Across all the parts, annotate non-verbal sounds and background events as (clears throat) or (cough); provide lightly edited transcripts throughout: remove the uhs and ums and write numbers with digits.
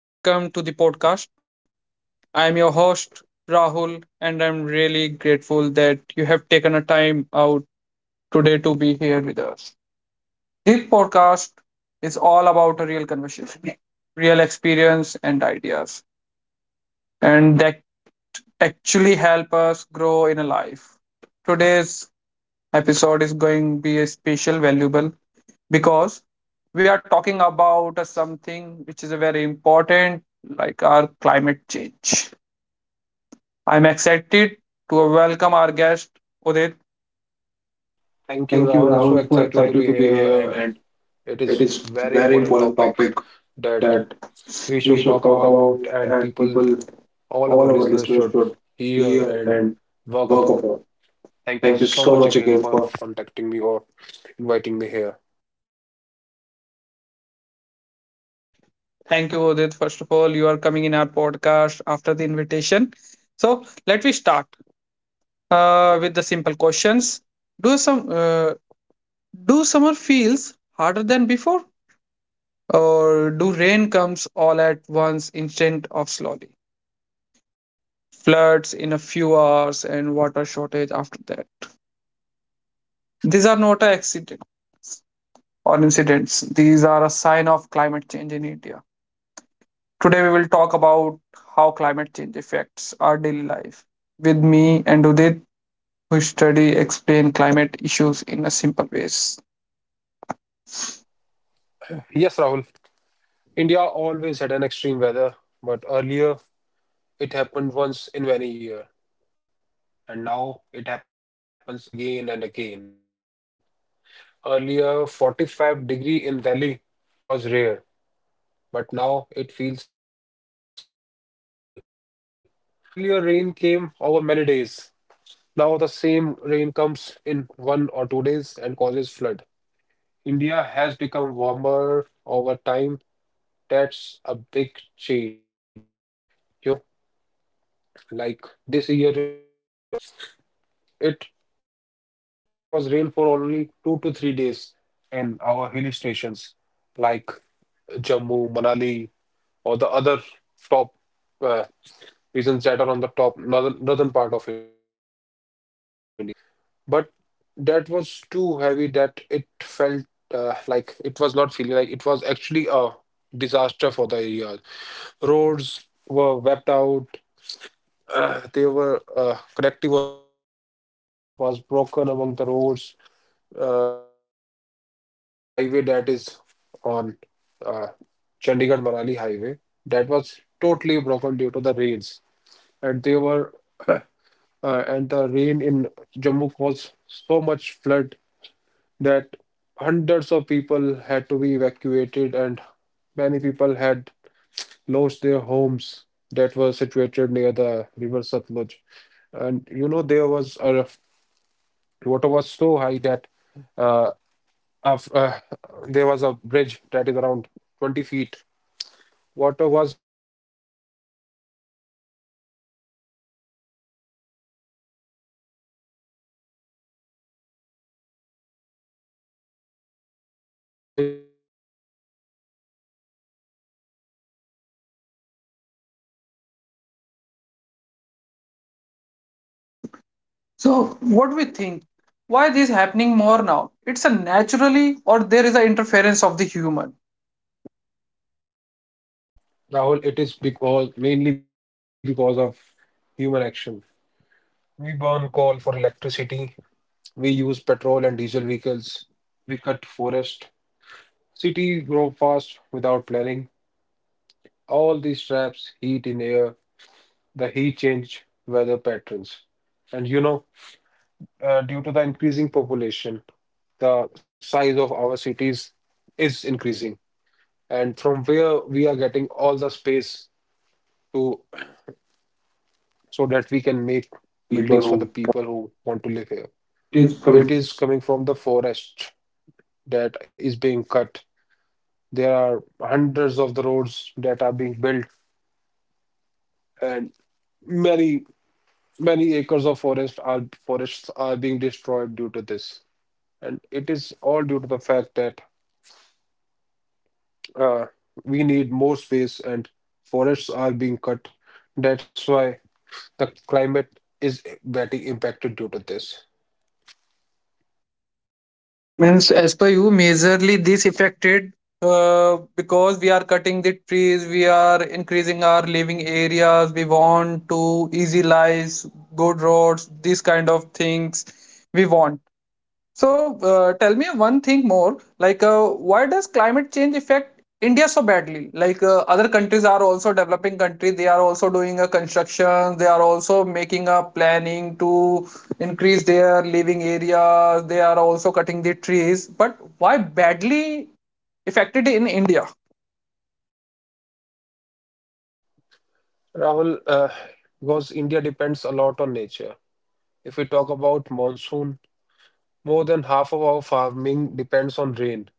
and welcome to the podcast. I'm your host, Rahul, and I'm really grateful that you have taken a time out today to be here with us. This podcast is all about a real conversation, real experience, and ideas, and that actually help us grow in a life. Today's episode is going to be a special, valuable, because we are talking about a something which is a very important, like our climate change. I'm excited to welcome our guest, Udit. Thank you, Thank you, Rahul. So Rahul. So excited to excited to be be here, here, and and it it is is very very important important topic topic that that we we should should talk talk about, about, and and people, people, all all our our listeners listeners should should hear hear and and work work upon. upon. Thank you Thank you so so much much again again for for contacting me or inviting me here. Uh, thank you, Udit. First of all, you are coming in our podcast after the invitation. So let me start with the simple questions. Do some uh, do summer feels harder than before? Or do rain comes all at once instead of slowly? Floods in a few hours and water shortage after that. These are not an accident or incidents. These are a sign of climate change in India. Today we will talk about how climate change affects our daily life. With me and Udit, who study explain climate issues in a simple ways. Yes, Rahul. India always had an extreme weather, but earlier it happened once in many year, and now it happens again and again. Earlier, 45 degree in Delhi was rare, but now it feels normal. Earlier, rain came over many days. Now, the same rain comes in 1 or 2 days and causes flood. India has become warmer over time. That's a big change. You know, like this year only, it there was rain for only 2 to 3 days in our hilly stations like Jammu, Manali, or the other top uh, regions that are on the top northern part of India. But that was too heavy that it felt like it was not feeling like it was actually a disaster for the area. Roads were wiped out. They were connectivity with, was broken among the roads, like the highway that is on uh, Chandigarh-Manali highway that was totally broken due to the rains, and they were and the rain in Jammu caused so much flood that hundreds of people had to be evacuated and many people had lost their homes that were situated near the river Satluj. And you know, there was a water was so high that uh, af there was a bridge that is around 20 feet. Water was flowing above that, and it is a very important thing that we should talk about. So what do we think? Why this happening more now? It's a naturally or there is an interference of the human. Rahul, it is because mainly because of human action. We burn coal for electricity, we use petrol and diesel vehicles, we cut forest, cities grow fast without planning. All these traps heat in air, the heat change weather patterns. And you know, due to the increasing population, the size of our cities is increasing, and from where we are getting all the space to, so that we can make Greetings for the people buildings for who the people who want to live here. it is coming. It is coming from the forest that is being cut. There are hundreds of the roads that are being built, and many many acres of forests are being destroyed due to this. And it is all due to the fact that uh, we need more space and forests are being cut. That's why the climate is getting impacted due to this. So means as per you, majorly this affected because we are cutting the trees, we are increasing our living areas, we want to easy lives, good roads, these kind of things we want. So tell me one thing more. Like, why does climate change affect India so badly? Like, other countries are also developing country. They are also doing a construction. They are also making a planning to increase their living areas. They are also cutting the trees. But why badly affected in India? Rahul, because India depends a lot on nature. If we talk about monsoon, more than half of our farming depends on rain.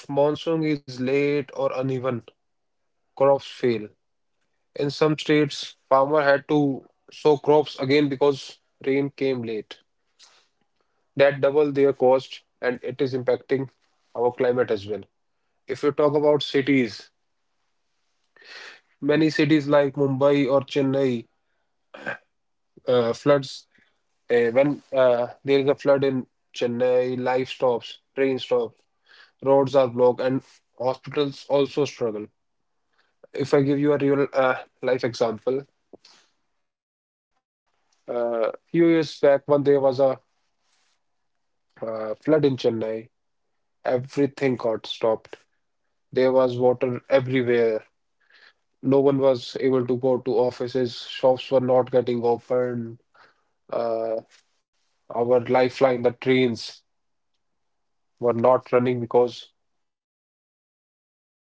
If monsoon is late or uneven, crops fail. In some states, farmer had to sow crops again because rain came late. That double their cost, and it is impacting our climate as well. If you talk about cities, many cities like Mumbai or Chennai floods. When there is a flood in Chennai, life stops, train stops, roads are blocked, and hospitals also struggle. If I give you a real life example, few years back, when there was a flood in Chennai, everything got stopped. There was water everywhere. No one was able to go to offices. Shops were not getting open. Uh, our lifeline, the trains, were not running because. uh,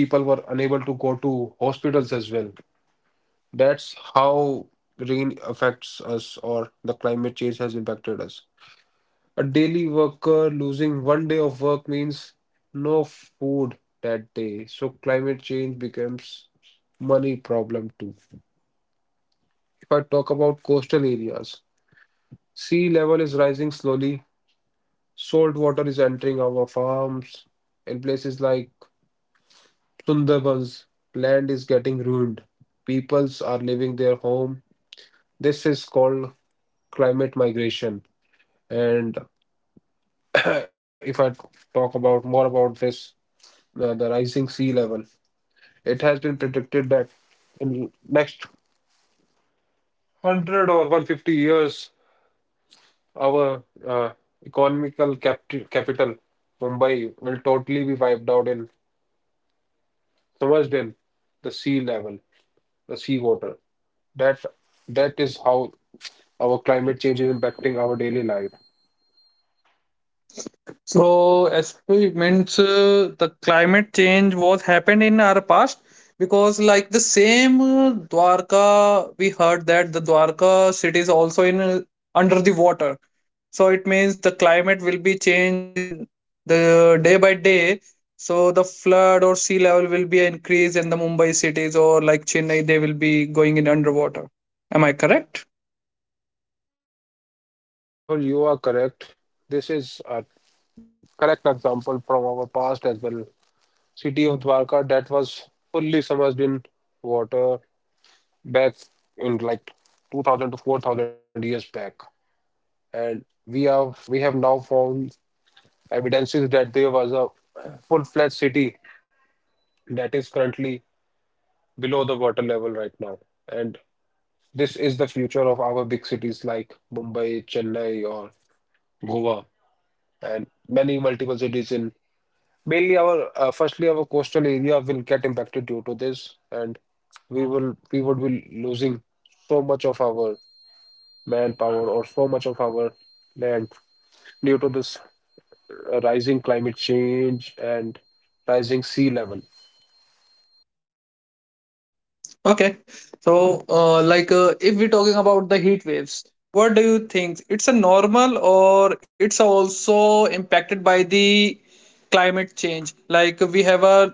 People were unable to go to hospitals as well. That's how rain affects us or the climate change has impacted us. A daily worker losing one day of work means no food that day. So climate change becomes money problem too. If I talk about coastal areas, sea level is rising slowly. Salt water is entering our farms. In places like Sundarbans, land is getting ruined. Peoples are leaving their home. This is called climate migration. And (clears throat) if I talk about more about this, the rising sea level, it has been predicted that in next 100 or 150 years, our economical capital, Mumbai, will totally be wiped out and submerged in the sea level, the sea water. That that is how our climate change is impacting our daily life. So experiments, the climate change was happened in our past because like the same Dwarka, we heard that the Dwarka city is also in under the water. So it means the climate will be changed in the day by day. So the flood or sea level will be increased in the Mumbai cities or like Chennai, they will be going in underwater. Am I correct? Yes, Rahul, you are correct. This is a correct example from our past as well. City of Dwarka that was fully submerged in water back in like 2000 to 4000 years back, and we have now found evidences that there was a full-fledged city that is currently below the water level right now, and this is the future of our big cities like Mumbai, Chennai, or Goa, and many multiple cities in. Mainly our firstly our coastal area will get impacted due to this and we would be losing so much of our manpower or so much of our land due to this rising climate change and rising sea level. Okay. So, like, if we're talking about the heat waves, what do you think? It's a normal or it's also impacted by the climate change? Like, we have a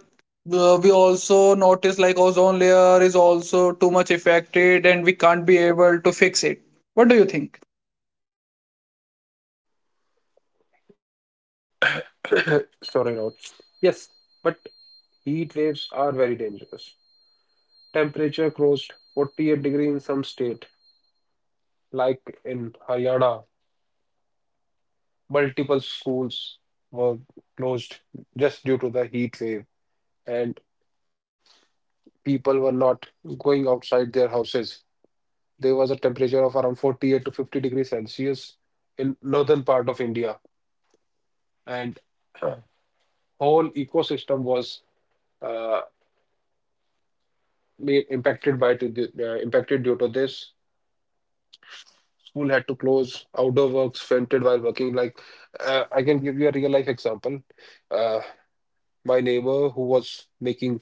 we also notice like ozone layer is also too much affected and we can't be able to fix it. What do you think? (coughs) Sorry, Rod. Yes, but heat waves are very dangerous. Temperature crossed 48 degree in some state, like in Haryana. Multiple schools were closed just due to the heat wave. And people were not going outside their houses. There was a temperature of around 48 to 50 degrees Celsius in northern part of India, and (clears throat) whole ecosystem was uh, impacted due to this. School had to close, outdoor works fainted while working. Like I can give you a real life example. Uh, my neighbor who was making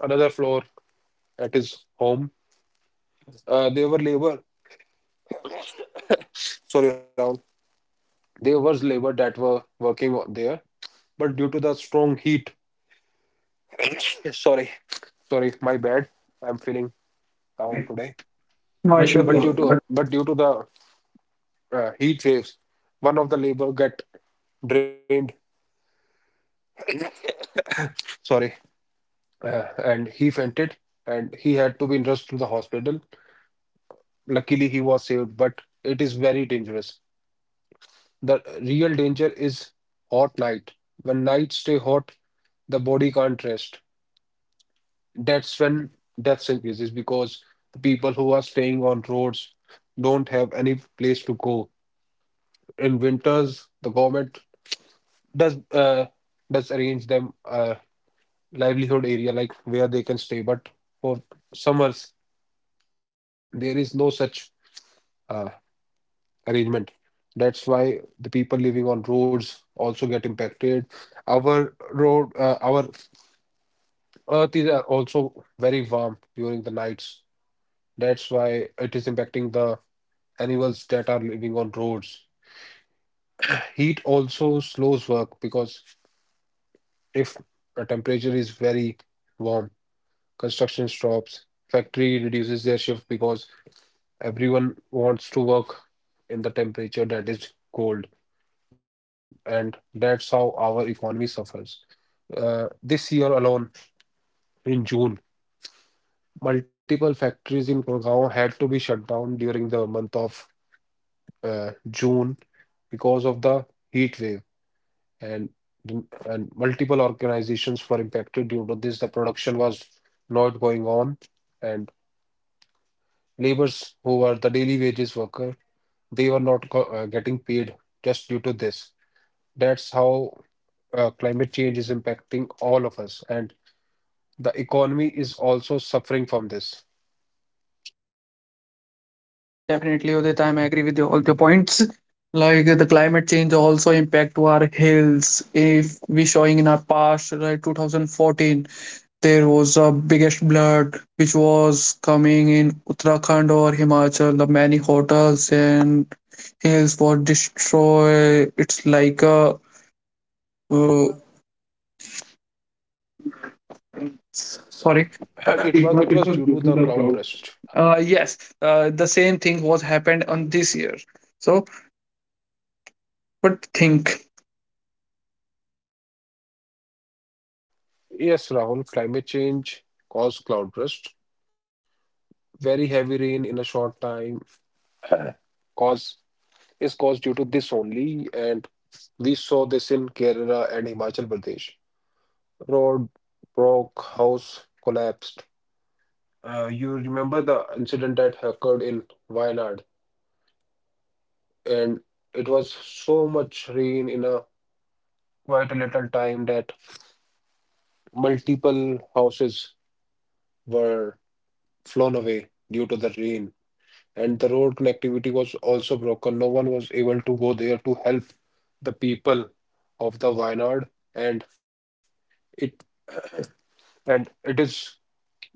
another floor at his home, they were labor. Sorry, Rahul. There was labor that were working there, but due to the strong heat, (coughs) sorry, sorry, my bad. I'm feeling down today. No, I should But know. due to but due to the heat waves, one of the labor got drained. Sorry, and he fainted, and he had to be rushed to the hospital. Luckily, he was saved, but it is very dangerous. The real danger is hot night. When nights stay hot, the body can't rest. That's when deaths increases because the people who are staying on roads don't have any place to go. In winters, the government does uh, does arrange them a livelihood area like where they can stay, but for summers there is no such uh, arrangement. That's why the people living on roads also get impacted. Our earth is also very warm during the nights. That's why it is impacting the animals that are living on roads. Heat also slows work because if a temperature is very warm, construction stops, factory reduces their shift because everyone wants to work in the temperature that is cold, and that's how our economy suffers. This year alone, in June, multiple factories in Gurgaon had to be shut down during the month of June because of the heat wave and and multiple organizations were impacted due to this. The production was not going on, and laborers who were the daily wages worker, they were not getting paid just due to this. That's how climate change is impacting all of us, and the economy is also suffering from this. (clears throat) Yeah, definitely, Udit. I'm agree with you, all the points. Like the climate change also impact to our hills. If we showing in our past, right, 2014, there was a biggest flood which was coming in Uttarakhand or Himachal. The many hotels and hills were destroyed. It's like a uh, sorry. And it was it It was was due due to to the the cloud cloud. Burst. burst. Yes, the same thing was happened on this year. So, but think Yes, Rahul, climate change caused cloud burst. Very heavy rain in a short time, (clears throat) cause is caused due to this only, and we saw this in Kerala and Himachal Pradesh. Road broke, house collapsed. You remember the incident that occurred in Wayanad, and it was so much rain in a quite a little time that multiple houses were flown away due to the rain, and the road connectivity was also broken. No one was able to go there to help the people of the Wayanad, and it and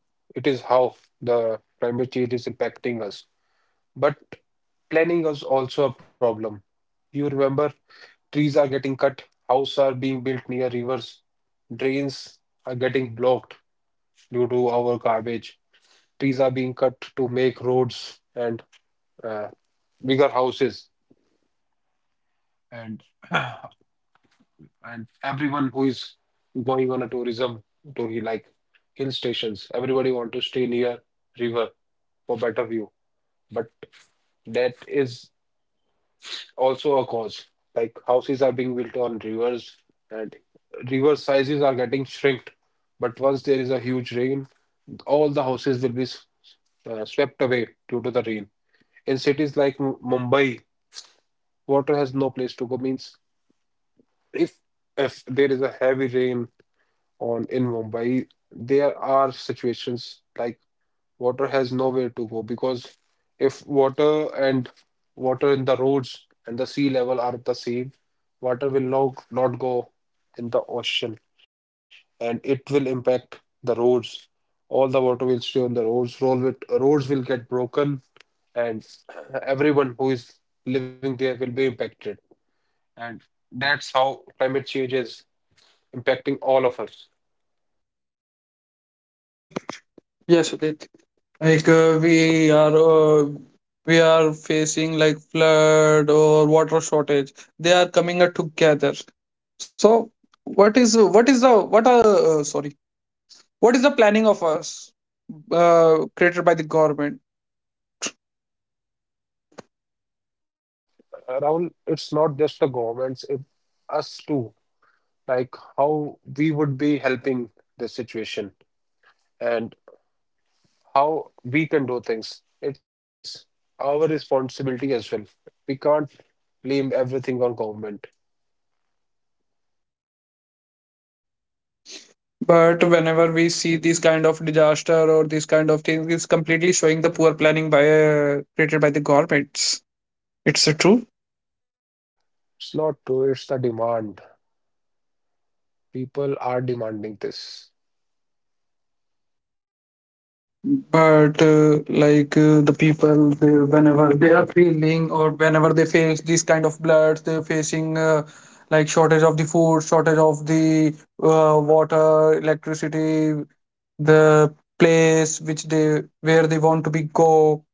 it is how the climate change is impacting us. But planning is also a problem. You remember trees are getting cut, houses are being built near rivers, drains are getting blocked due to our garbage. Trees are being cut to make roads and uh, bigger houses. And (clears throat) and everyone who is going on a tourism to like hill stations, everybody want to stay near river for better view. But that is also a cause. Like houses are being built on rivers and river sizes are getting shrinked. But once there is a huge rain, all the houses will be swept away due to the rain. In cities like Mumbai, water has no place to go. Means if if there is a heavy rain on in Mumbai, there are situations like water has nowhere to go because if water and water in the roads and the sea level are the same, water will not go in the ocean and it will impact the roads. All the water will stay on the roads. Roads will get broken and (clears throat) everyone who is living there will be impacted. And that's how climate change is impacting all of us. Uh, yes, Udit. Like we are facing like flood or water shortage. They are coming together. So what is the what are sorry what is the planning of us created by the government? Rahul, it's not just the governments, it us too. Like how we would be helping the situation and how we can do things. It's our responsibility as well. We can't blame everything on government. But whenever we see this kind of disaster or this kind of thing, it's completely showing the poor planning by created by the governments. It's true. It's not true, it's the demand. People are demanding this. But like the people they, whenever they are feeling or whenever they face these kind of bloods they're facing like shortage of the food shortage of the water electricity the place which they where they want to be go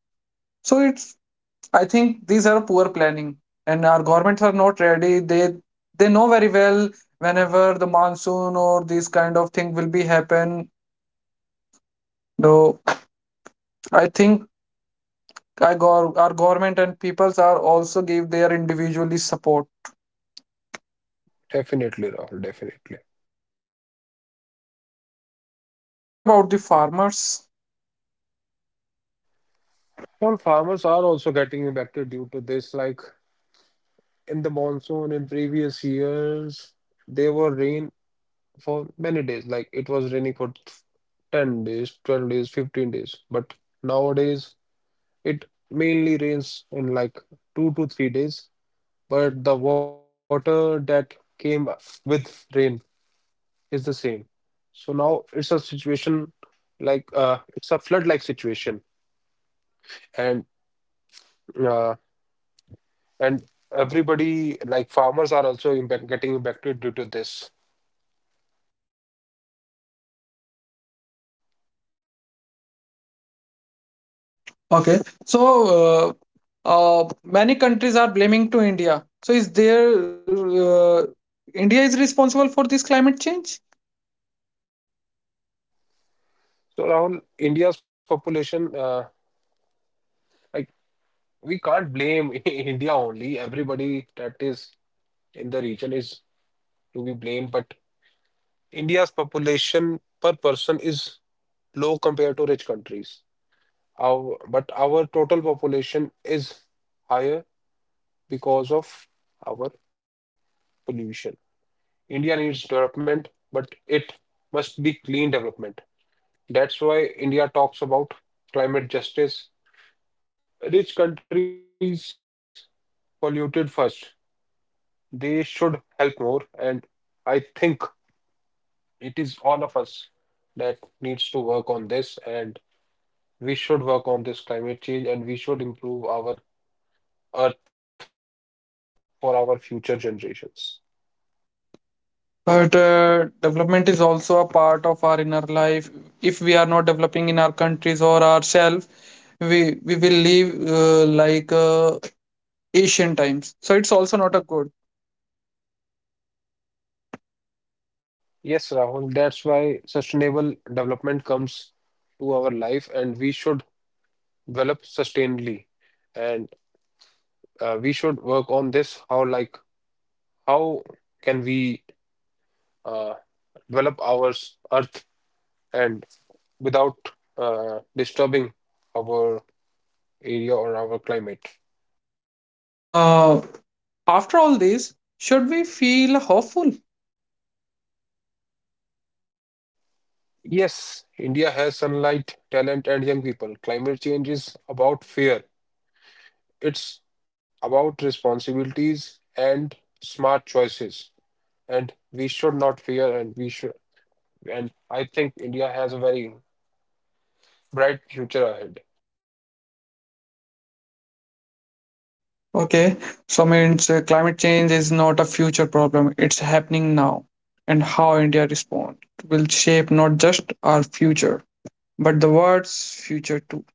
so it's I think these are poor planning and our governments are not ready they know very well whenever the monsoon or this kind of thing will be happen though I think our, our government and peoples are also give their individually support. Definitely, Rahul, definitely. What about the farmers? Well, farmers are also getting impacted due to this. Like in the monsoon in previous years, there were rain for many days. Like it was raining for 10 days, 12 days, 15 days. But nowadays, it mainly rains in like 2 to 3 days, but the water that came with rain is the same. So now it's a situation like it's a flood-like situation, and uh, and everybody like farmers are also getting impacted due to this. Okay, so many countries are blaming to India. So is there India is responsible for this climate change? So Rahul, India's population, like we can't blame (laughs) India only. Everybody that is in the region is to be blamed, but India's population per person is low compared to rich countries. But our total population is higher because of our pollution. India needs development, but it must be clean development. That's why India talks about climate justice. Rich countries polluted first. They should help more, and I think it is all of us that needs to work on this, and we should work on this climate change, and we should improve our earth for our future generations. But development is also a part of our inner life. If we are not developing in our countries or ourselves, we will live like Asian times. So it's also not a good. Yes, Rahul, that's why sustainable development comes to our life and we should develop sustainably. And we should work on this how can we uh, develop our earth and without disturbing our area or our climate. Uh, After all this, should we feel hopeful? Yes, India has sunlight, talent, and young people. Climate change is about fear. It's about responsibilities and smart choices. And we should not fear and we should and I think India has a very bright future ahead. Okay, so means climate change is not a future problem, it's happening now. And how India responds will shape not just our future, but the world's future too.